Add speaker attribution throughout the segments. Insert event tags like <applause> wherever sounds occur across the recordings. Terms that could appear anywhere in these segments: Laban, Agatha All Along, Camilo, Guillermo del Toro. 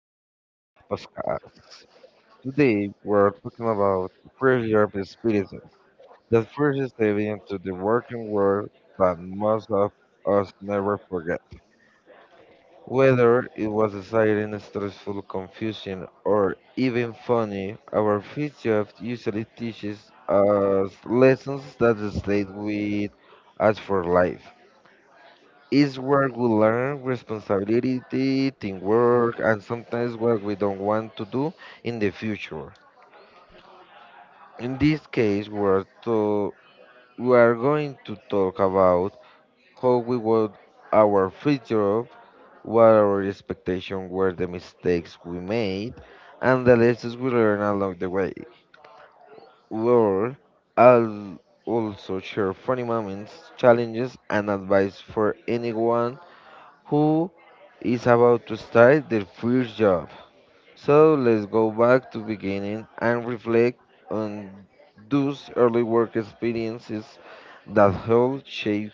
Speaker 1: to Camilo's podcast. Today, we're talking about first year experiences, that first step into the working world that most of us never forget. Whether it was exciting, stressful, confusing, or even funny, our first job usually teaches us lessons that stay with us for life. Is where we learn responsibility, teamwork, and sometimes what we don't want to do in the future. In this case, we are going to talk about how we want our future, what our expectations were, the mistakes we made, and the lessons we learned along the way. We'll I'll also share funny moments, challenges, and advice for anyone who is about to start their first job. So let's go back to beginning and reflect on those early work experiences that helped shape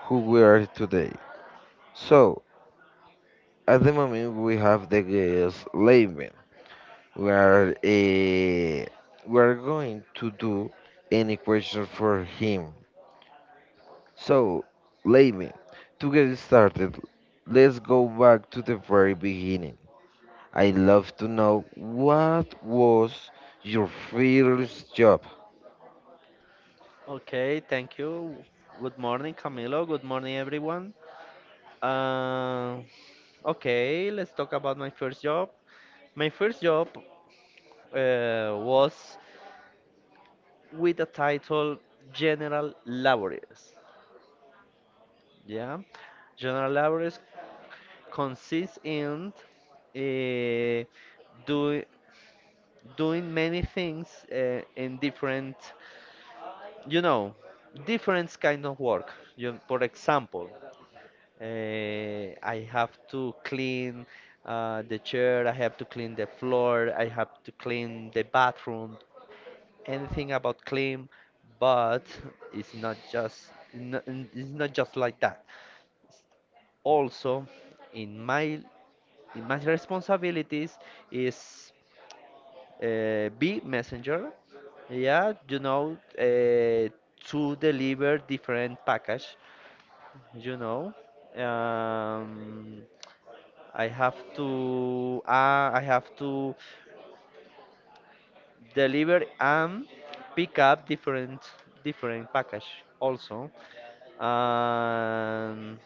Speaker 1: who we are today. So at the moment we have the guest Laban. We are eh, we are going to do any question for him. So Laban, to get started, let's go back to the very beginning. I'd love to know, what was your first job?
Speaker 2: Okay, thank you. Good morning, Camilo. Good morning, everyone. Uh, okay, let's talk about my first job. My first job was with the title General Laborers. Yeah, General Laborers consists in uh, do, doing many things in different, you know, different kind of work. You, for example. I have to clean the chair, I have to clean the floor, I have to clean the bathroom, anything about clean, but it's not just like that. Also, in my in my responsibilities is be messenger. Yeah, to deliver different package, you know. Um, I have to deliver and pick up different package also, and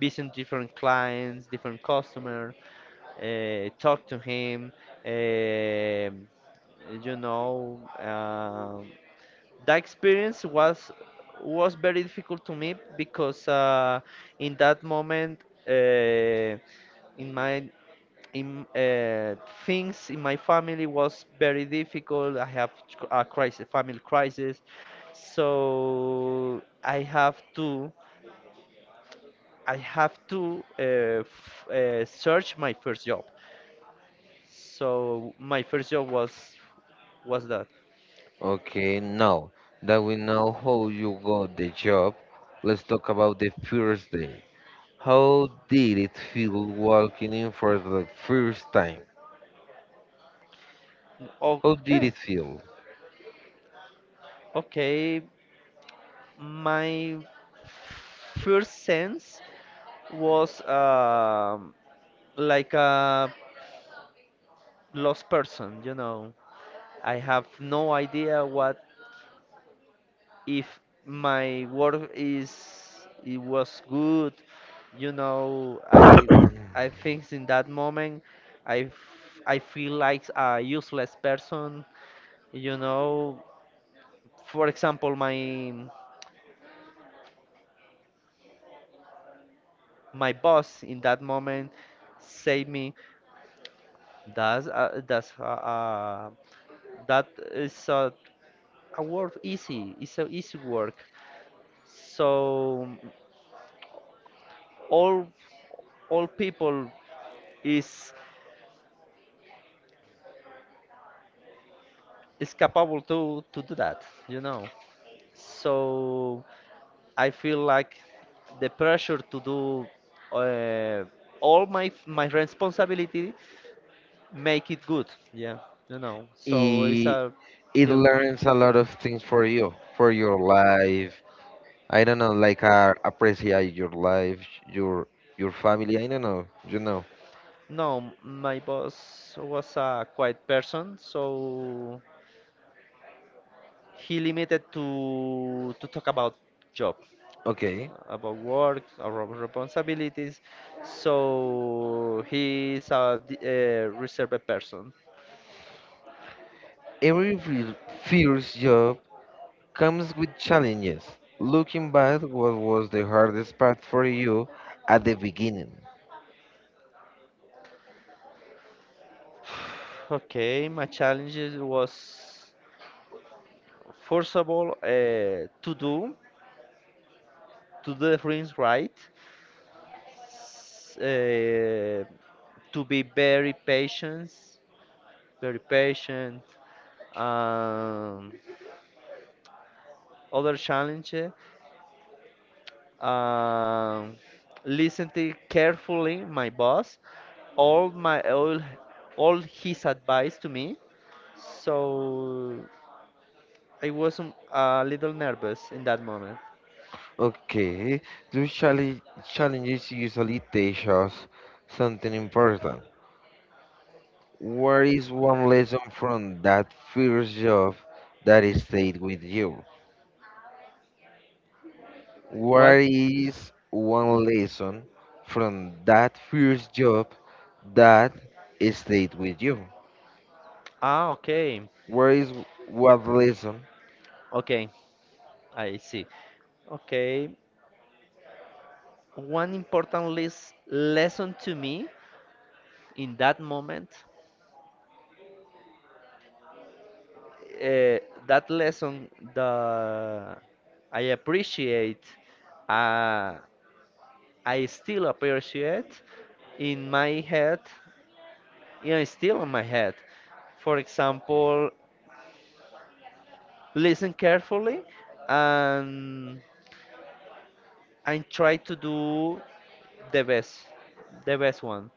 Speaker 2: visit different clients, different customer, talk to him, um you know. um that experience was very difficult to me, because in that moment. Uh, in my in things in my family was very difficult. A crisis, family crisis, so I have to f search my first job. So my first job was that.
Speaker 1: Okay, now that we know how you got the job, let's talk about the first day. How did it feel walking in for the first time? How did
Speaker 2: Okay,
Speaker 1: it feel?
Speaker 2: okay. My first sense was like a lost person. I have no idea what if my work is, it was good, you know i I think in that moment I feel like a useless person you know for example, my boss in that moment said me that's uh, that's uh, uh, that is a work easy it's a easy work, so all all people is is capable to do that. So I feel like the pressure to do uh, all my responsibility, make it good. Yeah, so it's
Speaker 1: It,
Speaker 2: a
Speaker 1: it
Speaker 2: real pressure.
Speaker 1: learns a lot of things for you, for your life. I don't know, like appreciate your life, your your family. I don't know, you know.
Speaker 2: No, my boss was a quiet person, so he limited to talk about job,
Speaker 1: Okay,
Speaker 2: about work, about responsibilities. So a reserved person.
Speaker 1: every fir- first job comes with challenges. Looking back, what was the hardest part for you at the beginning?
Speaker 2: Okay, my challenges was first of all, to do things right, s- uh, to be very patient, very patient. Um, Other challenge, um, listen to carefully my boss, all my all, all his advice to me. So I was a little nervous in that moment.
Speaker 1: Okay, those challenges usually teach us something important. What is one lesson from that first job that is stayed with you?
Speaker 2: What?
Speaker 1: What is one lesson from that first job that stayed with you?
Speaker 2: Ah, okay,
Speaker 1: What is what lesson.
Speaker 2: okay, I see. Okay, one important lesson to me in that moment, uh, that lesson that I appreciate, uh, I still appreciate in my head. Yeah, it's still in my head. For example, listen carefully and try to do the best, the best one.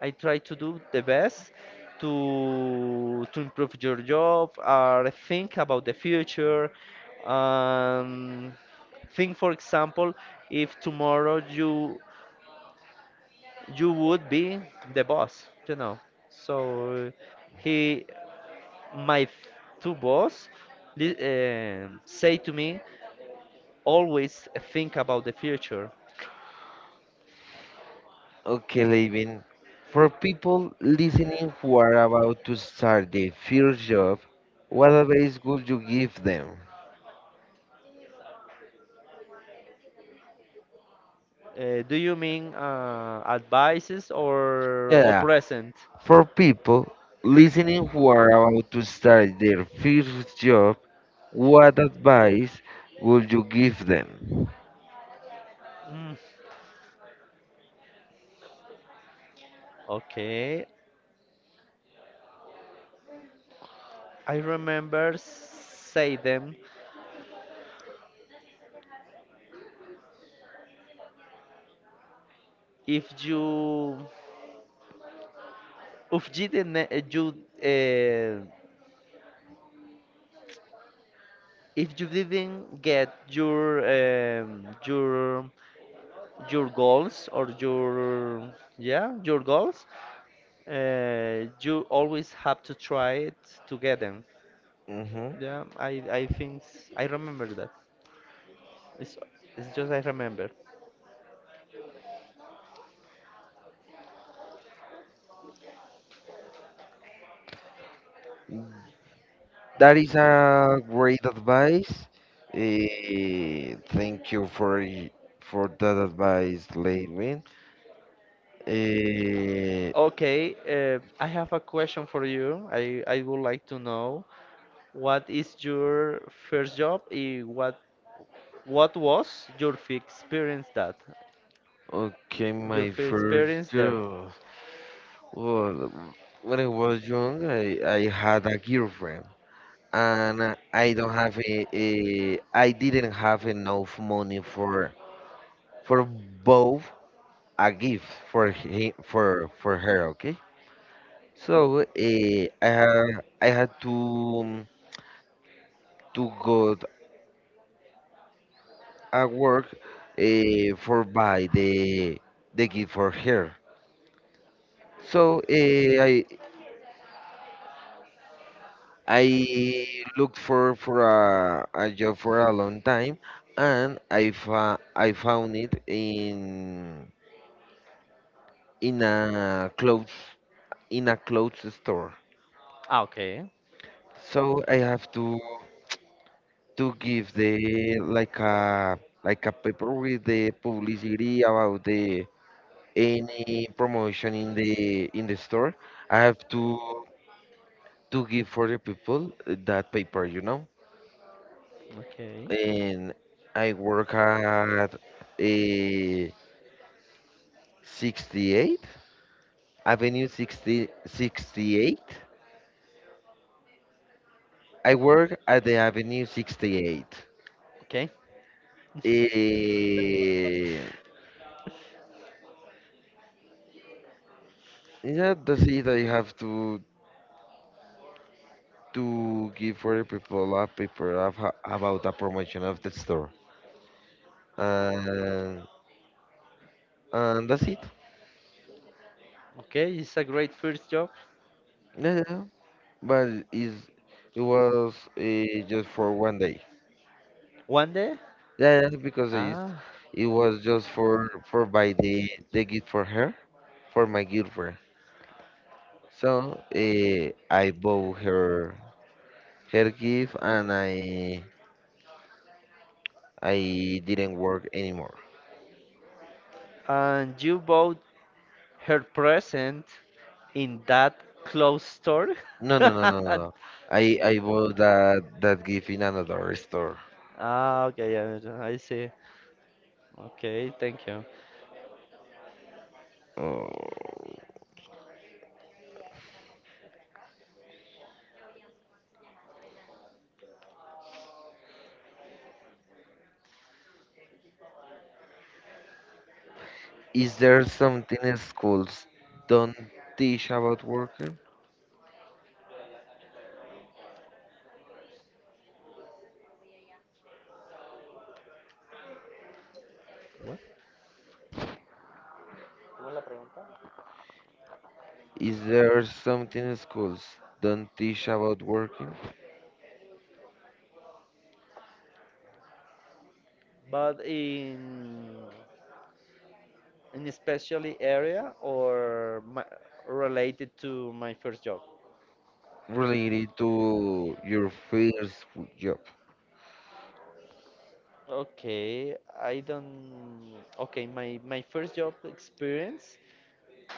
Speaker 2: I try to do the best to improve your job, or think about the future. Um, think, for example, if tomorrow you would be the boss. So he, my two boss, say to me, always think about the future.
Speaker 1: Okay, Levin. For people listening who are about to start their first job, what advice would you give them?
Speaker 2: Do you mean advices or
Speaker 1: Yeah,
Speaker 2: present?
Speaker 1: for people listening who are about to start their first job, what advice would you give them?
Speaker 2: Mm. Okay, I remember say them, if you if you didn't, you uh, if you didn't get your goals, or your, yeah, your goals, you always have to try it to get them.
Speaker 1: hmm
Speaker 2: Yeah, I think I remember that. It's it's just I remember.
Speaker 1: That is a great advice. Thank you for that advice, Levin. Eh,
Speaker 2: Okay, I have a question for you. I would like to know. What is your first job? What was your first experience that?
Speaker 1: okay,
Speaker 2: Your
Speaker 1: my
Speaker 2: first
Speaker 1: first
Speaker 2: experience there?
Speaker 1: job. Well, when I was young, I had a girlfriend, and I don't have a I didn't have enough money for both, a gift for him for her. Okay, so I had, I had to go at work for buy the gift for her. So I looked for a job for a long time, and I found it in in a clothes in a clothes store.
Speaker 2: Ah, okay,
Speaker 1: So I have to give the, like a, like a paper with the publicity about the any promotion in the store. I have to give for the people that paper, you know.
Speaker 2: okay,
Speaker 1: And I work at a 68 Avenue 60, 68. I work at the Avenue 68.
Speaker 2: okay,
Speaker 1: Eh, yeah, that's it. I have to give for the people a paper about the promotion of the store, and and that's it.
Speaker 2: okay. It's a great first job.
Speaker 1: Yeah, yeah, yeah. But it was just for one day.
Speaker 2: One day?
Speaker 1: Yeah, yeah, yeah, because
Speaker 2: Ah,
Speaker 1: it was just for buy the gift for her, for my girlfriend. So I bought her her gift and I didn't work anymore.
Speaker 2: and you bought her present in that clothes store?
Speaker 1: No, no, no, no,
Speaker 2: <laughs>
Speaker 1: no, no. I bought that gift in another store.
Speaker 2: Ah, okay, yeah, I see. Okay, thank you.
Speaker 1: Oh. Is there something schools don't teach about working?
Speaker 2: What?
Speaker 1: Is there something schools don't teach about working?
Speaker 2: But in a specially area, or my, related to my first job?
Speaker 1: Related to your first w- job.
Speaker 2: Okay, I don't. Okay, my first job experience,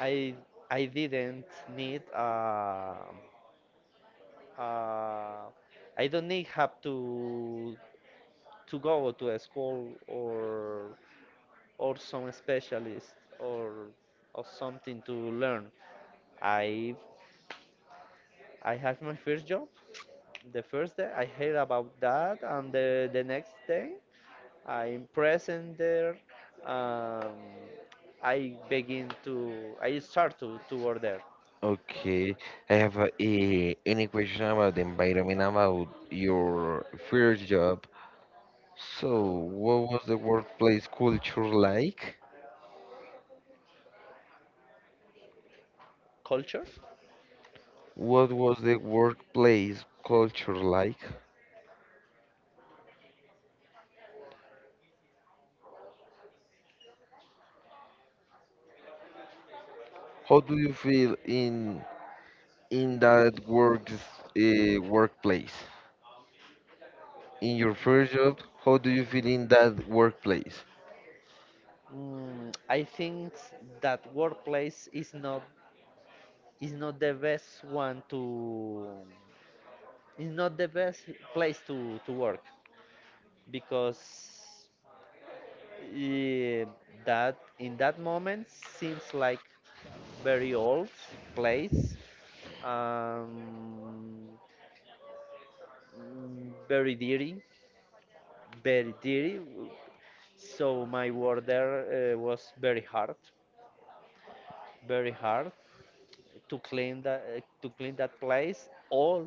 Speaker 2: I I didn't need, uh I don't need have to go to a school or some specialist, or or something to learn. I I have my first job the first day I heard about that, and the next day I'm present there. Um, I start to order.
Speaker 1: Okay, I have a, any question about the environment, about your first job. So, what was the workplace culture like?
Speaker 2: Culture.
Speaker 1: What was the workplace culture like? How do you feel in that work workplace? In your first job, how do you feel in that workplace?
Speaker 2: I think that workplace is not, is not the best one to is not the best place to work, because, Eh, that in that moment seems like very old place, um, very dirty, very dirty. So my work there was very hard to clean that place, all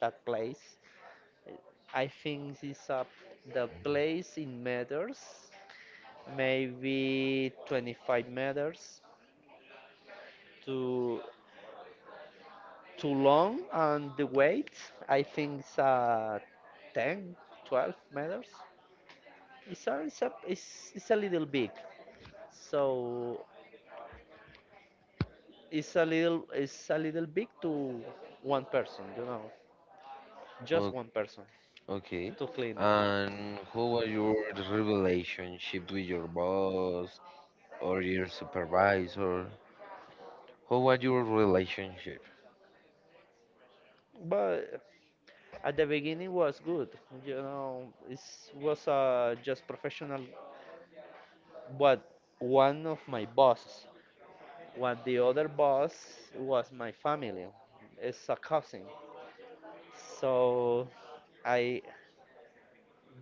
Speaker 2: that place. I think this up the place in meters, maybe 25 meters to too long and the weight. I think it's 10 12 meters. It's a little big, so it's a little big to one person, just one person
Speaker 1: Okay.
Speaker 2: to clean that.
Speaker 1: And who was your relationship with your boss or your supervisor? Who was your relationship?
Speaker 2: But at the beginning was good, it was just professional, but one of my bosses, what the other boss was my family, it's a cousin. So I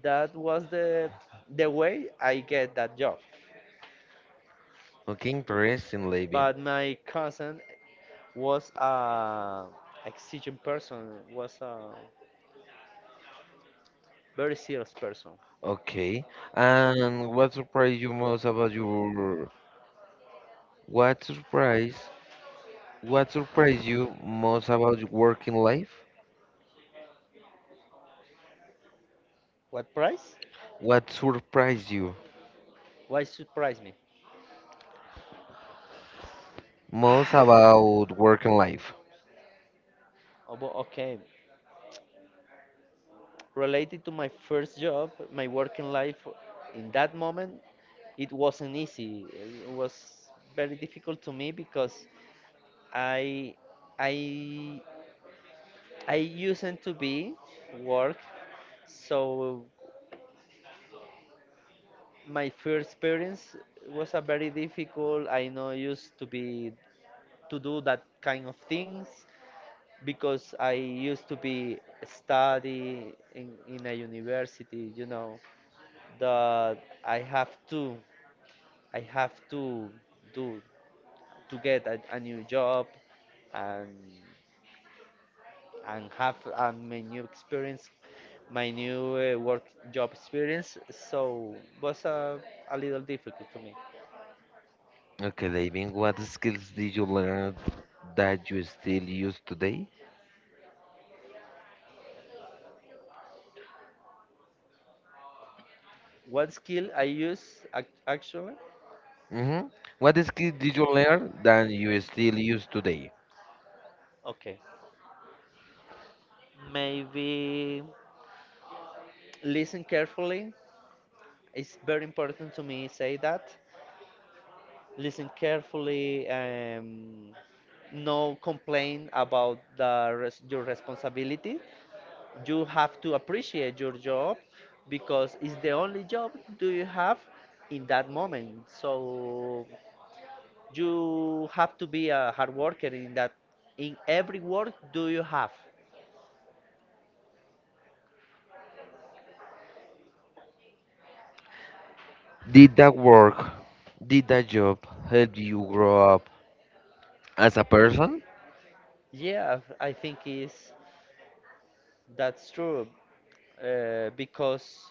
Speaker 2: that was the way I get that job.
Speaker 1: Okay, interesting, Levin.
Speaker 2: But my cousin was a exigent person, was a very serious person.
Speaker 1: Okay. And what surprised you most about your, what surprise, what surprised you most about working life?
Speaker 2: What price?
Speaker 1: What surprised you
Speaker 2: Why surprise me?
Speaker 1: most about working life?
Speaker 2: Oh, but okay, related to my first job, my working life in that moment, it wasn't easy. It was very difficult to me because I I I used to be work, so my first experience was a very difficult. I know used to be to do that kind of things, because I used to be study in a university, you know, that I have to I have to do to get a new job, and have my new experience, my new work job experience. So was a little difficult to me.
Speaker 1: Okay, Levin, what skills did you learn that you still use today?
Speaker 2: What skill I use actually?
Speaker 1: hmm What skill did you learn that you still use today?
Speaker 2: Okay, maybe listen carefully. It's very important to me say that. Listen carefully. No complain about your responsibility. You have to appreciate your job, because it's the only job do you have in that moment. So you have to be a hard worker in every work do you have.
Speaker 1: Did that work? Did that job help you grow up as a person?
Speaker 2: Yeah, I think is that's true, because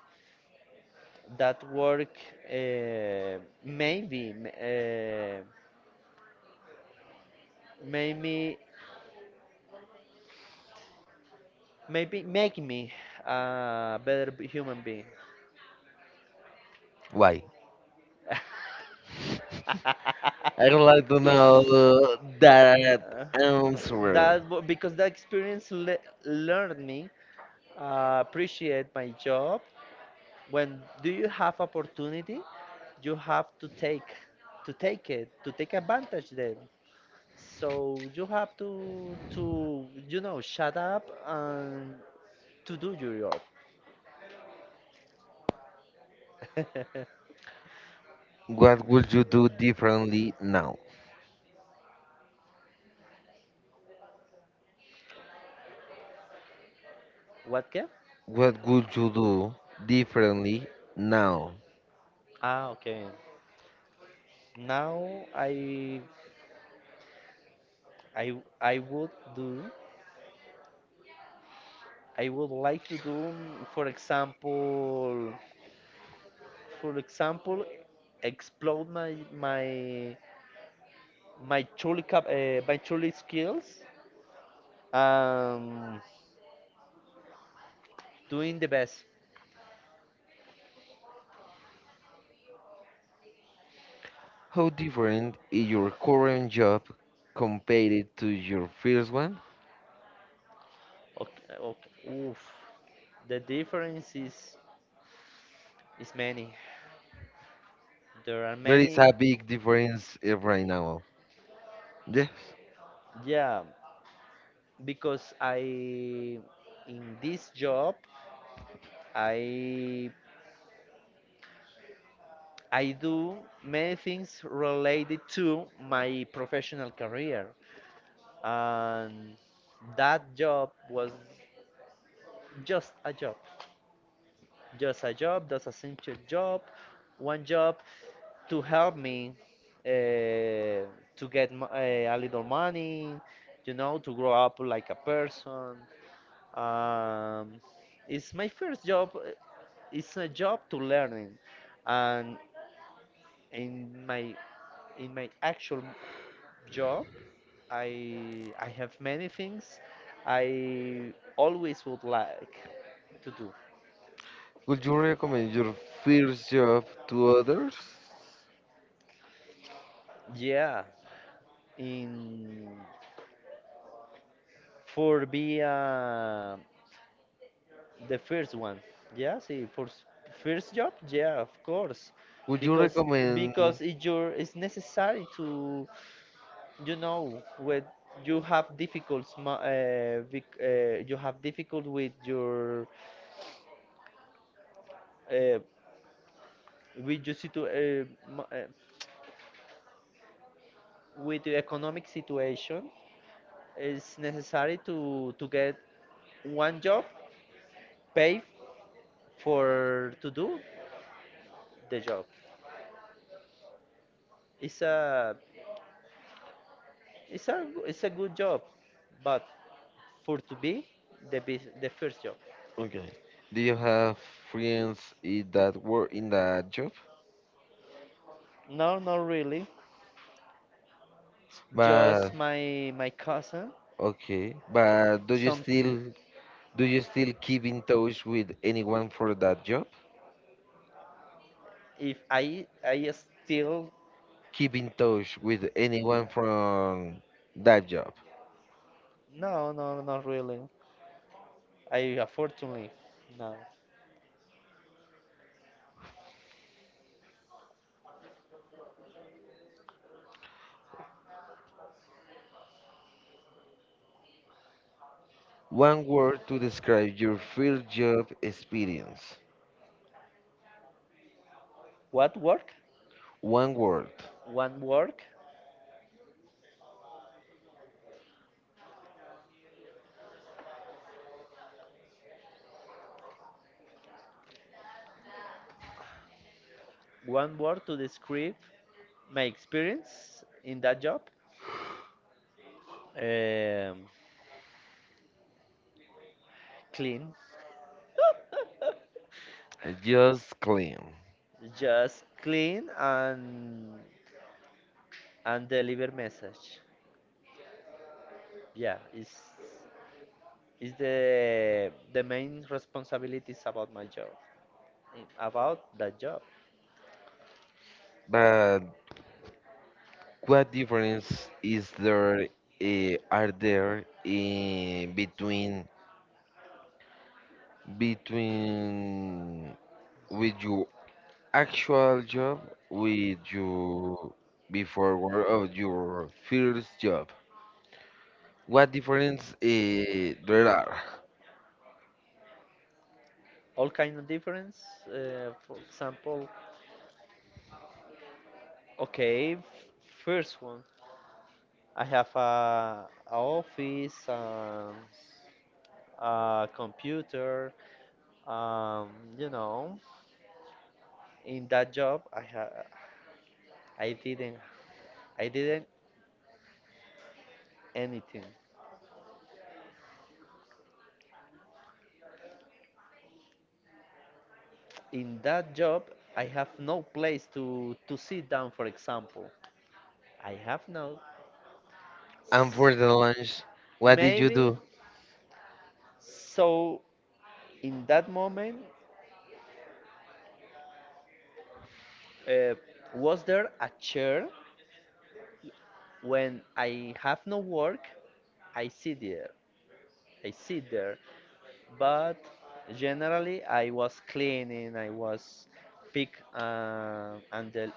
Speaker 2: that work, uh, maybe m- uh, made me maybe make me a better human being.
Speaker 1: Why? I would like to know
Speaker 2: <laughs>
Speaker 1: that
Speaker 2: Uh,
Speaker 1: answer.
Speaker 2: because that experience learned me, appreciate my job. When do you have opportunity, you have to take it, to take advantage then. So you have to, shut up and to do your job. <laughs>
Speaker 1: What would you do differently now?
Speaker 2: What can?
Speaker 1: What would you do differently now?
Speaker 2: Ah, okay. Now I I would do I would like to do, for example. For example, explode my truly skills. Um, Doing the best.
Speaker 1: How different is your current job compared to your first one?
Speaker 2: Okay, okay. Oof. The difference is many. There are
Speaker 1: There is
Speaker 2: many.
Speaker 1: a big difference eh, right now. Yes.
Speaker 2: Yeah, because I in this job I I do many things related to my professional career, and that job was just a job, just a job, just a simple job, one job to help me, uh, to get a little money, to grow up like a person. Um, it's my first job. It's a job to learning, and in my in my actual job. I have many things I always would like to do.
Speaker 1: Would you recommend your first job to others?
Speaker 2: Yeah, in for be, the first one, yeah, see for first job, yeah, of course,
Speaker 1: Would you
Speaker 2: because
Speaker 1: recommend?
Speaker 2: it your, it's necessary to, when you have difficulties, you have difficult with your, uh, with your situ- uh, ma- uh, with the economic situation. It's necessary to get one job, pay for to do the job. It's a it's a good job, but for to be the first job.
Speaker 1: Okay. Do you have friends in that work in that job?
Speaker 2: No, not really.
Speaker 1: But
Speaker 2: Just my cousin.
Speaker 1: okay. But do you
Speaker 2: Some,
Speaker 1: still, do you still keep in touch with anyone for that job?
Speaker 2: if I still.
Speaker 1: Keep in touch with anyone from that job.
Speaker 2: No, no, not really. I unfortunately no.
Speaker 1: One word to describe your first job experience.
Speaker 2: What work?
Speaker 1: One word.
Speaker 2: One work. One word to describe my experience in that job. Um, Clean. <laughs>
Speaker 1: Just clean.
Speaker 2: Just clean, and deliver message. Yeah, it's is the main responsibilities about my job, about that job.
Speaker 1: But what difference is there are there in between, between with your actual job, with your before work or your first job, what difference there are.
Speaker 2: All kind of difference. For example, okay, f first one, I have a office, a computer, um, you know. In that job, I didn't I didn't anything. In that job, I have no place to sit down, for example. I have no,
Speaker 1: And for the lunch, what did you
Speaker 2: maybe,
Speaker 1: do?
Speaker 2: so in that moment, uh, was there a chair. When I have no work, I sit there I sit there, but generally I was cleaning, I was pick and the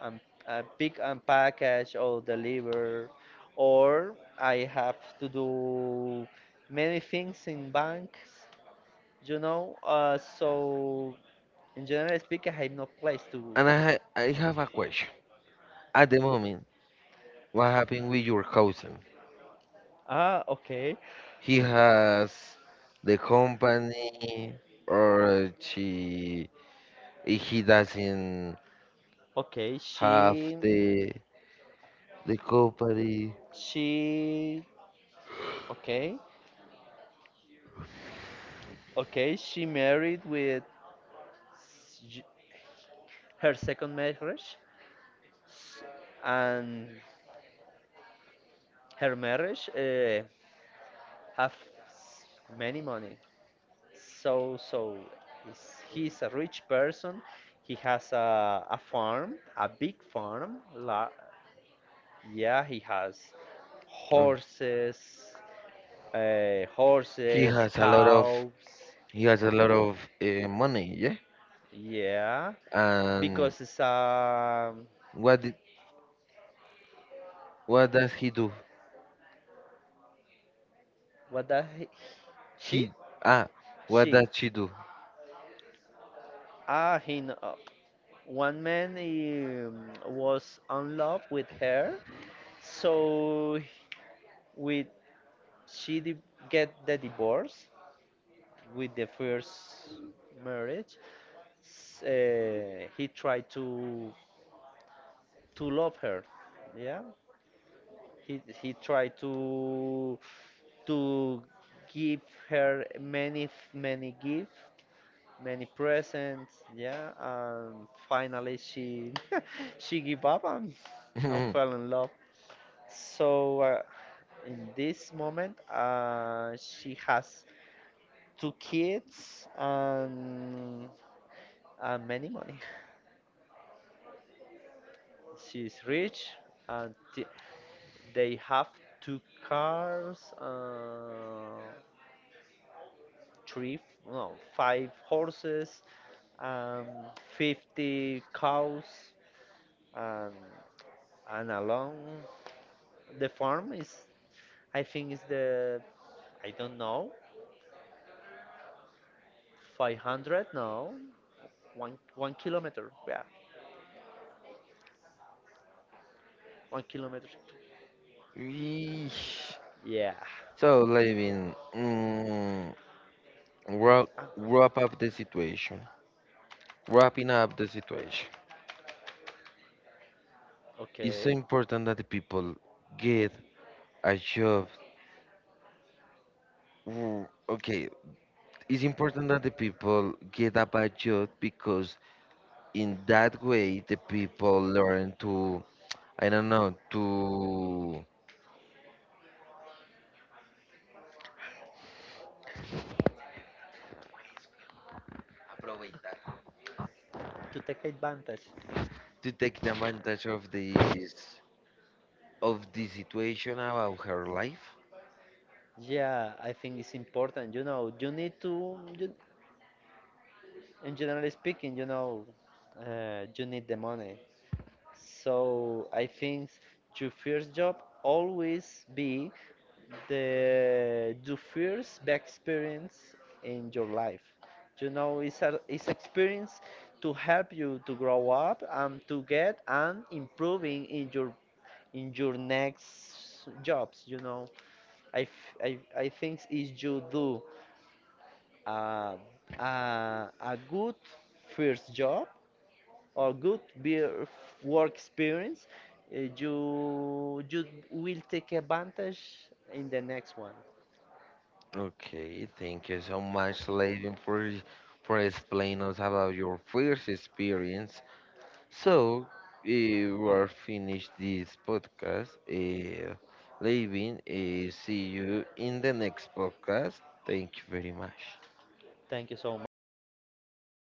Speaker 2: and pick and package or deliver, or I have to do many things in banks, you know. So, in general speaking, I have no place to.
Speaker 1: I have a question. At the moment what happened with your cousin?
Speaker 2: Ah, okay,
Speaker 1: He has the company? Or she? He doesn't
Speaker 2: okay.
Speaker 1: have the company.
Speaker 2: She, okay, okay, she married with, s- her second marriage, and her marriage have, s- many money. So, he's a rich person. He has a farm, a big farm. Yeah, he has
Speaker 1: Uh,
Speaker 2: horses,
Speaker 1: he
Speaker 2: horses,
Speaker 1: has a lot of,
Speaker 2: cows.
Speaker 1: he has a lot of money, yeah.
Speaker 2: Yeah,
Speaker 1: And
Speaker 2: because it's,
Speaker 1: what did, what does he do?
Speaker 2: what does he, she?
Speaker 1: He, ah, what
Speaker 2: She.
Speaker 1: does she do?
Speaker 2: Ah, he. One man, was in love with her, so with She di- get the divorce with the first marriage. He tried to love her. Yeah, he tried to give her many gifts, many presents. Yeah, and finally she <laughs> she gave up, and fell in
Speaker 1: <laughs>
Speaker 2: love. So, in this moment, she has two kids, and, many money. She's rich, and they have two cars, three, no, five horses, um, 50 cows, and, along the farm is, I think, is the, I don't know, 500, no, 1 kilometer, yeah, 1 kilometer.
Speaker 1: Eesh.
Speaker 2: Yeah.
Speaker 1: So, Levin, mm, wrap,
Speaker 2: Ah,
Speaker 1: wrap up
Speaker 2: it's.
Speaker 1: the situation. Wrapping up the situation. It's so
Speaker 2: Okay.
Speaker 1: important that the people get a job. Mm, okay, it's important that the people get a budget because in that way the people learn to, I don't know, to
Speaker 2: To take advantage.
Speaker 1: to take the advantage of this, of the situation about her life.
Speaker 2: Yeah, I think it's important. You know, you need to, you, in generally speaking, you need the money. So I think your first job always be the first bad experience in your life. You know, it's experience to help you to grow up, and to get and improving in your next jobs. I think if you do, uh, a good first job, or good beer work experience, you will take advantage in the next one.
Speaker 1: Okay, thank you so much, Levin, for explaining us about your first experience. So, eh, we're finished this podcast. Leaving. See you in the next podcast. Thank you very much.
Speaker 2: Thank you so much.